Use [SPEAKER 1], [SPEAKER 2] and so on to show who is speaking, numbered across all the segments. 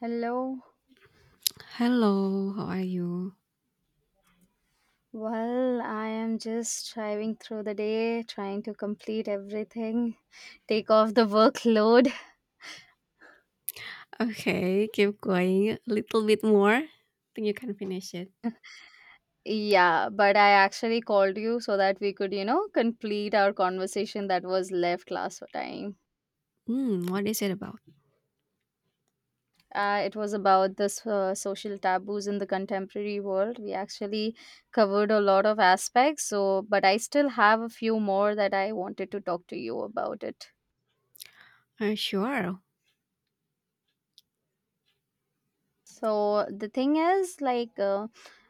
[SPEAKER 1] Hello.
[SPEAKER 2] Hello, how are you?
[SPEAKER 1] Well, I am just driving through the day, trying to complete everything, take off the workload.
[SPEAKER 2] Okay, keep going a little bit more. Think you can finish it.
[SPEAKER 1] Yeah, but I actually called you so that we could, complete our conversation that was left last time.
[SPEAKER 2] Hmm, what is it about?
[SPEAKER 1] It was about this social taboos in the contemporary world. We actually covered a lot of aspects, so but I still have a few more that I wanted to talk to you about it.
[SPEAKER 2] Sure.
[SPEAKER 1] So the thing is like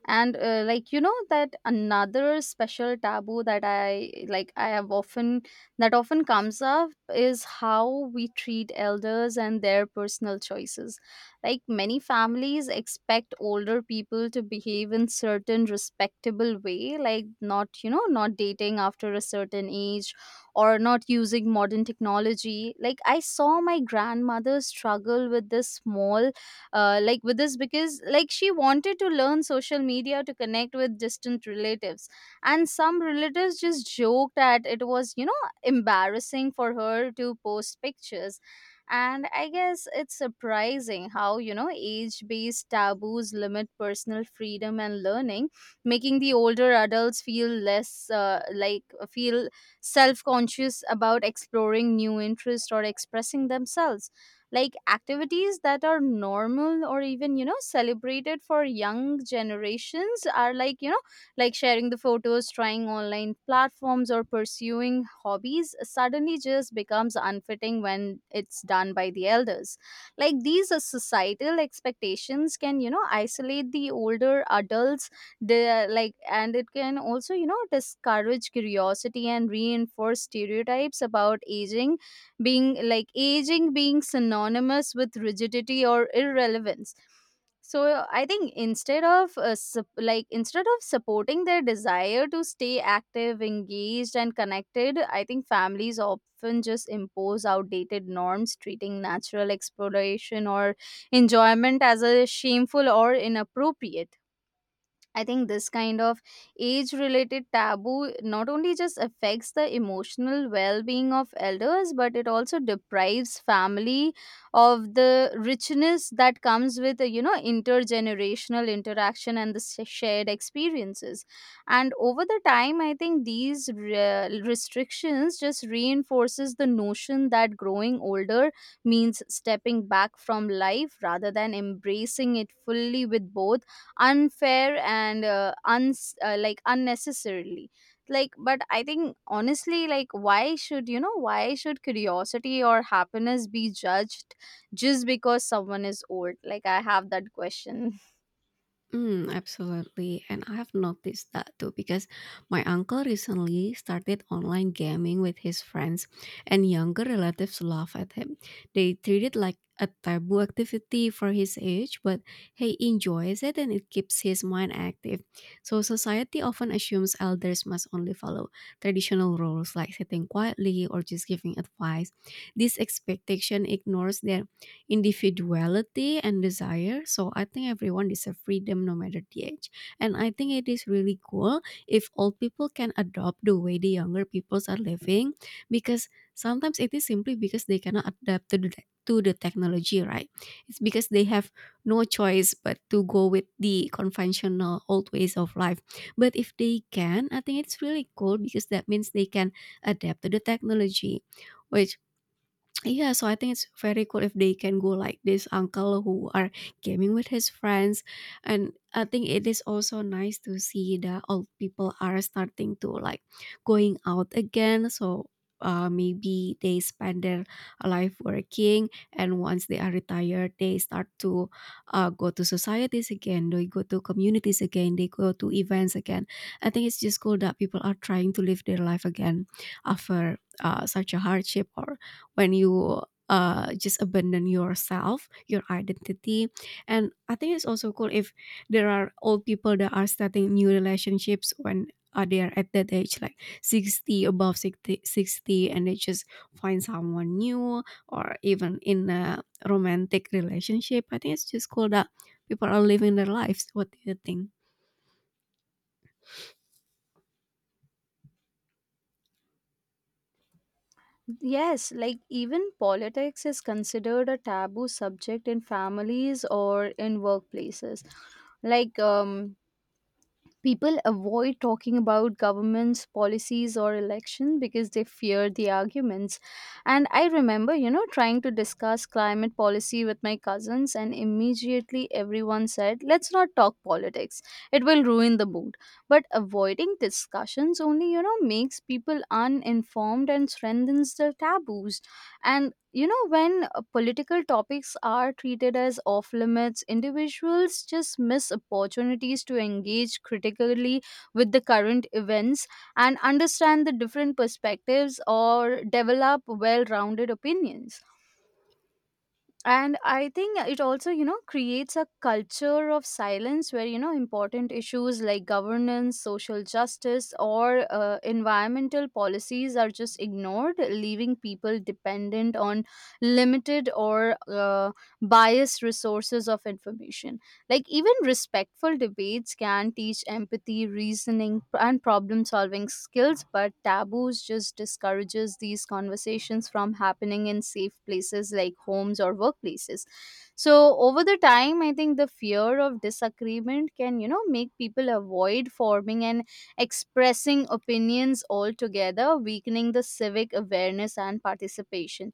[SPEAKER 1] and like you know that another special taboo that I have often that often comes up is how we treat elders and their personal choices. Like many families expect older people to behave in certain respectable way, like not you know not dating after a certain age or not using modern technology. Like I saw my grandmother struggle with this small, with this because like she wanted to learn social media to connect with distant relatives, and some relatives just joked that it was embarrassing for her to post pictures. And I guess it's surprising how age based taboos limit personal freedom and learning, making the older adults feel less like feel self conscious about exploring new interests or expressing themselves, like activities that are normal or even celebrated for young generations are like sharing the photos, trying online platforms, or pursuing hobbies, suddenly just becomes unfitting when it's done by the elders. Like these societal expectations can isolate the older adults, the like and it can also discourage curiosity and reinforce stereotypes about aging, being like aging being synonymous with rigidity or irrelevance. So I think instead of instead of supporting their desire to stay active, engaged, and connected, I think families often just impose outdated norms, treating natural exploration or enjoyment as a shameful or inappropriate. I think this kind of age related taboo not only just affects the emotional well being of elders, but it also deprives family of the richness that comes with, you know, intergenerational interaction and the shared experiences. And over the time, I think these restrictions just reinforces the notion that growing older means stepping back from life rather than embracing it fully, with both unfair and uns like unnecessarily like. But I think honestly, like why should curiosity or happiness be judged just because someone is old? Like I have that question.
[SPEAKER 2] Mm, absolutely. And I have noticed that too because my uncle recently started online gaming with his friends, and younger relatives laugh at him. They treat it like a taboo activity for his age, but he enjoys it and it keeps his mind active. So, society often assumes elders must only follow traditional roles like sitting quietly or just giving advice. This expectation ignores their individuality and desire. So I think everyone deserves freedom no matter the age. And I think it is really cool if old people can adopt the way the younger peoples are living because sometimes it is simply because they cannot adapt to the technology, right? It's because they have no choice but to go with the conventional old ways of life. But if they can, I think it's really cool because that means they can adapt to the technology, which yeah, so I think it's very cool if they can go like this uncle who are gaming with his friends. And I think it is also nice to see that old people are starting to like going out again. So maybe they spend their life working, and once they are retired they start to go to societies again, they go to communities again, they go to events again. I think it's just cool that people are trying to live their life again after such a hardship, or when you just abandon yourself, your identity. And I think it's also cool if there are old people that are starting new relationships when they are at that age, like 60, above 60, and they just find someone new or even in a romantic relationship. I think it's just cool that people are living their lives. What do you think?
[SPEAKER 1] Yes, like even politics is considered a taboo subject in families or in workplaces. like um People avoid talking about government's policies or election because they fear the arguments. And I remember trying to discuss climate policy with my cousins, and immediately everyone said let's not talk politics, it will ruin the mood. But avoiding discussions only makes people uninformed and strengthens their taboos. And when political topics are treated as off limits, individuals just miss opportunities to engage critically with the current events and understand the different perspectives or develop well rounded opinions. And I think it also creates a culture of silence where important issues like governance, social justice, or environmental policies are just ignored, leaving people dependent on limited or biased resources of information. Like, even respectful debates can teach empathy, reasoning, and problem solving skills, but taboos just discourages these conversations from happening in safe places like homes or workplaces. So, over the time, I think the fear of disagreement can, you know, make people avoid forming and expressing opinions altogether, weakening the civic awareness and participation.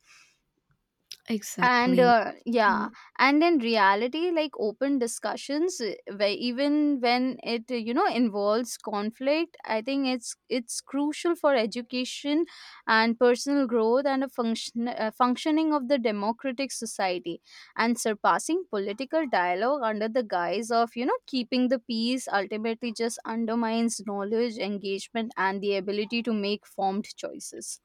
[SPEAKER 1] And
[SPEAKER 2] Exactly.
[SPEAKER 1] yeah, and in reality, like open discussions where even when it involves conflict, I think it's crucial for education and personal growth and a functioning of the democratic society. And surpassing political dialogue under the guise of keeping the peace ultimately just undermines knowledge, engagement, and the ability to make formed choices.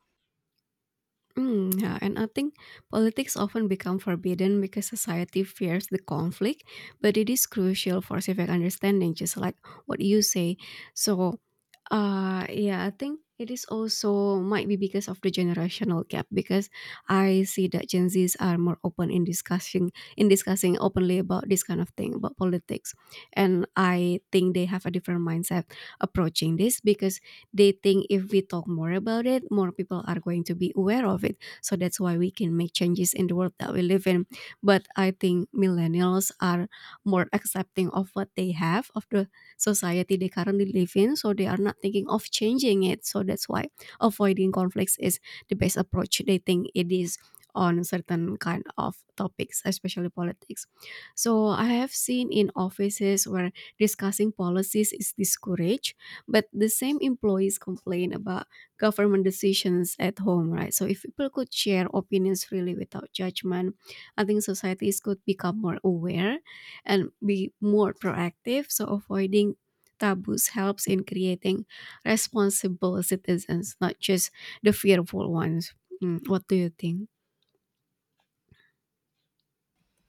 [SPEAKER 2] Mm, yeah, and I think politics often become forbidden because society fears the conflict, but it is crucial for civic understanding, just like what you say. So, yeah, I think it is also might be because of the generational gap because I see that Gen Zs are more open in discussing openly about this kind of thing about politics, and I think they have a different mindset approaching this because they think if we talk more about it, more people are going to be aware of it. So that's why we can make changes in the world that we live in. But I think millennials are more accepting of what they have, of the society they currently live in. So they are not thinking of changing it. So that's why avoiding conflicts is the best approach. They think it is on certain kind of topics, especially politics. So I have seen in offices where discussing policies is discouraged, but the same employees complain about government decisions at home, right? So if people could share opinions freely without judgment, I think societies could become more aware and be more proactive. So avoiding taboos helps in creating responsible citizens, not just the fearful ones. Mm, what do you think?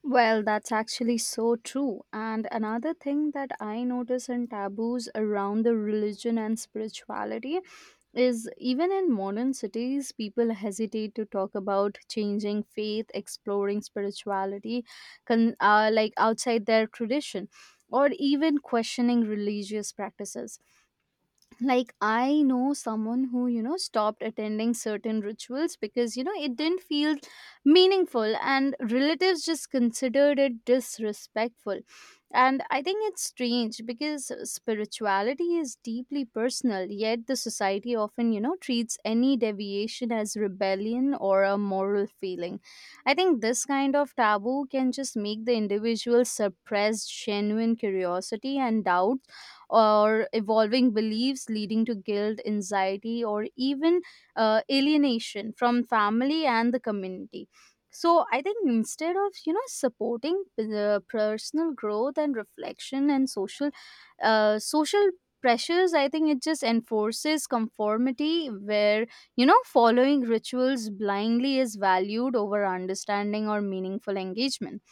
[SPEAKER 1] Well, that's actually so true. And another thing that I notice in taboos around the religion and spirituality is even in modern cities, people hesitate to talk about changing faith, exploring spirituality, outside their tradition, or even questioning religious practices. Like I know someone who stopped attending certain rituals because it didn't feel meaningful, and relatives just considered it disrespectful. And I think it's strange because spirituality is deeply personal, yet the society often treats any deviation as rebellion or a moral failing. I think this kind of taboo can just make the individual suppress genuine curiosity and doubt or evolving beliefs, leading to guilt, anxiety, or even alienation from family and the community. So I think instead of supporting the personal growth and reflection and social pressures, I think it just enforces conformity where following rituals blindly is valued over understanding or meaningful engagement.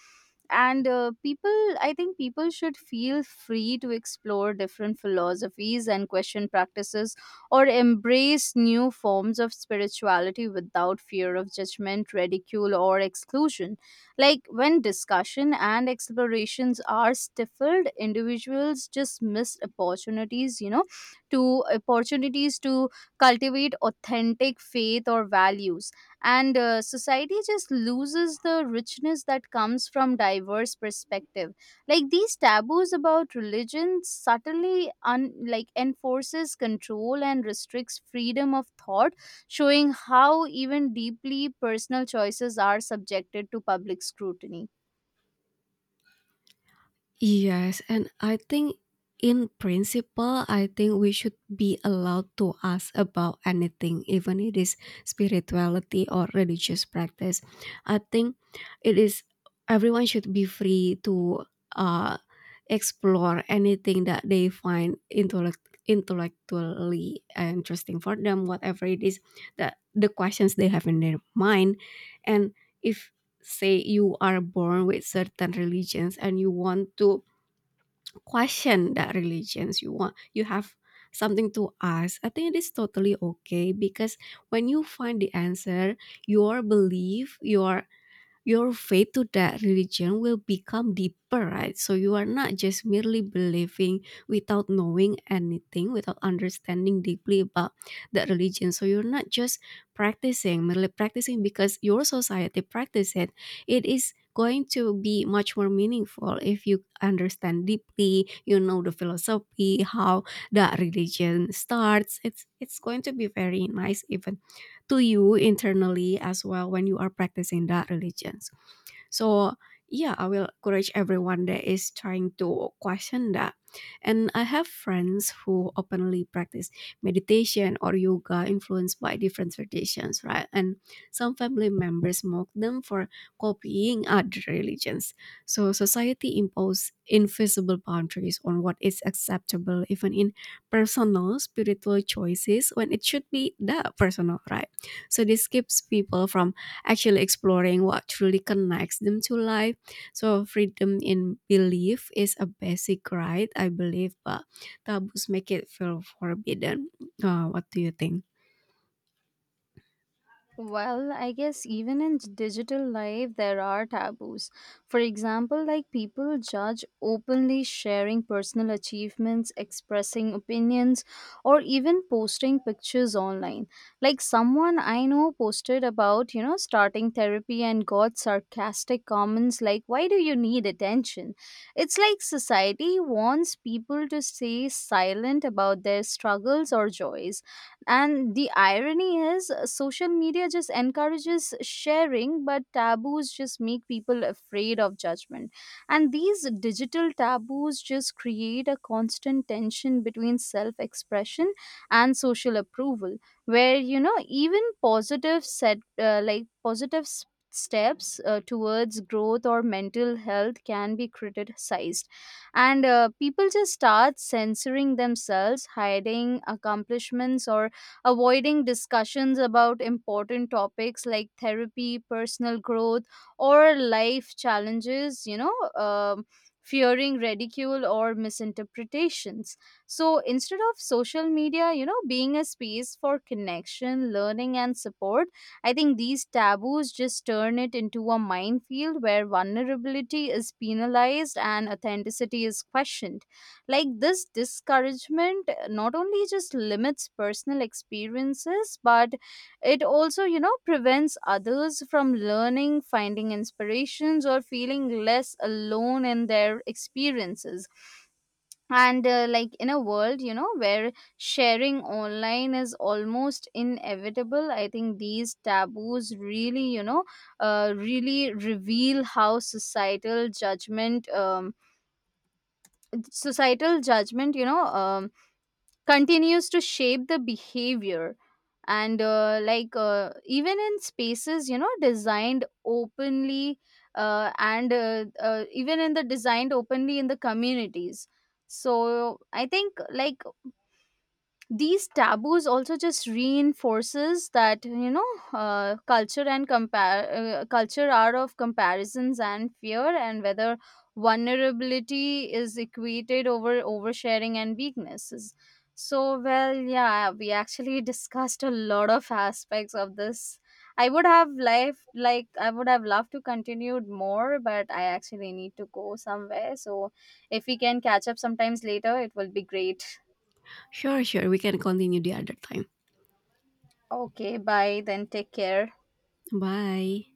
[SPEAKER 1] And people I think people should feel free to explore different philosophies and question practices or embrace new forms of spirituality without fear of judgment, ridicule, or exclusion. Like when discussion and explorations are stifled, individuals just miss opportunities, to cultivate authentic faith or values. And society just loses the richness that comes from diverse perspective. Like these taboos about religion subtly enforces control and restricts freedom of thought, showing how even deeply personal choices are subjected to public scrutiny.
[SPEAKER 2] Yes, and I think in principle, I think we should be allowed to ask about anything, even it is spirituality or religious practice. I think it is everyone should be free to uh, explore anything that they find intellectually interesting for them, whatever it is that the questions they have in their mind, and if say you are born with certain religions and you want to question that religions, you want, you have something to ask, I think it is totally okay because when you find the answer, your belief, your faith to that religion will become deeper, right? So you are not just merely believing without knowing anything, without understanding deeply about that religion. So you're not just practicing, merely practicing because your society practice it. It is going to be much more meaningful if you understand deeply, you know the philosophy, how that religion starts. It's going to be very nice even to you internally as well when you are practicing that religion. So yeah, I will encourage everyone that is trying to question that. And I have friends who openly practice meditation or yoga influenced by different traditions, right? And some family members mock them for copying other religions. So society imposes invisible boundaries on what is acceptable, even in personal spiritual choices, when it should be the personal, right? So this keeps people from actually exploring what truly connects them to life. So freedom in belief is a basic right, I believe, but taboos make it feel forbidden. What do you think?
[SPEAKER 1] Well, I guess even in digital life, there are taboos. For example, like people judge openly sharing personal achievements, expressing opinions, or even posting pictures online. Like someone I know posted about, you know, starting therapy and got sarcastic comments like, "Why do you need attention?" It's like society wants people to stay silent about their struggles or joys, and the irony is, social media just encourages sharing, but taboos just make people afraid of judgment. And these digital taboos just create a constant tension between self expression and social approval, where, you know, even positive set, like positive steps towards growth or mental health can be criticized. And people just start censoring themselves, hiding accomplishments or avoiding discussions about important topics like therapy, personal growth, or life challenges, um, fearing ridicule or misinterpretations. So instead of social media, you know, being a space for connection, learning, and support, I think these taboos just turn it into a minefield where vulnerability is penalized and authenticity is questioned. Like this discouragement not only just limits personal experiences, but it also prevents others from learning, finding inspirations, or feeling less alone in their experiences. And in a world where sharing online is almost inevitable, I think these taboos really really reveal how societal judgment continues to shape the behavior. And even in spaces designed openly and even in the designed openly in the communities. So I think like these taboos also just reinforces that culture and compare culture are of comparisons and fear, and whether vulnerability is equated over oversharing and weaknesses. So well, yeah, we actually discussed a lot of aspects of this. I would have life like I would have loved to continue more, but I actually need to go somewhere, so if we can catch up sometimes later, it will be great.
[SPEAKER 2] Sure, sure. We can continue the other time.
[SPEAKER 1] Okay, bye then. Take care.
[SPEAKER 2] Bye.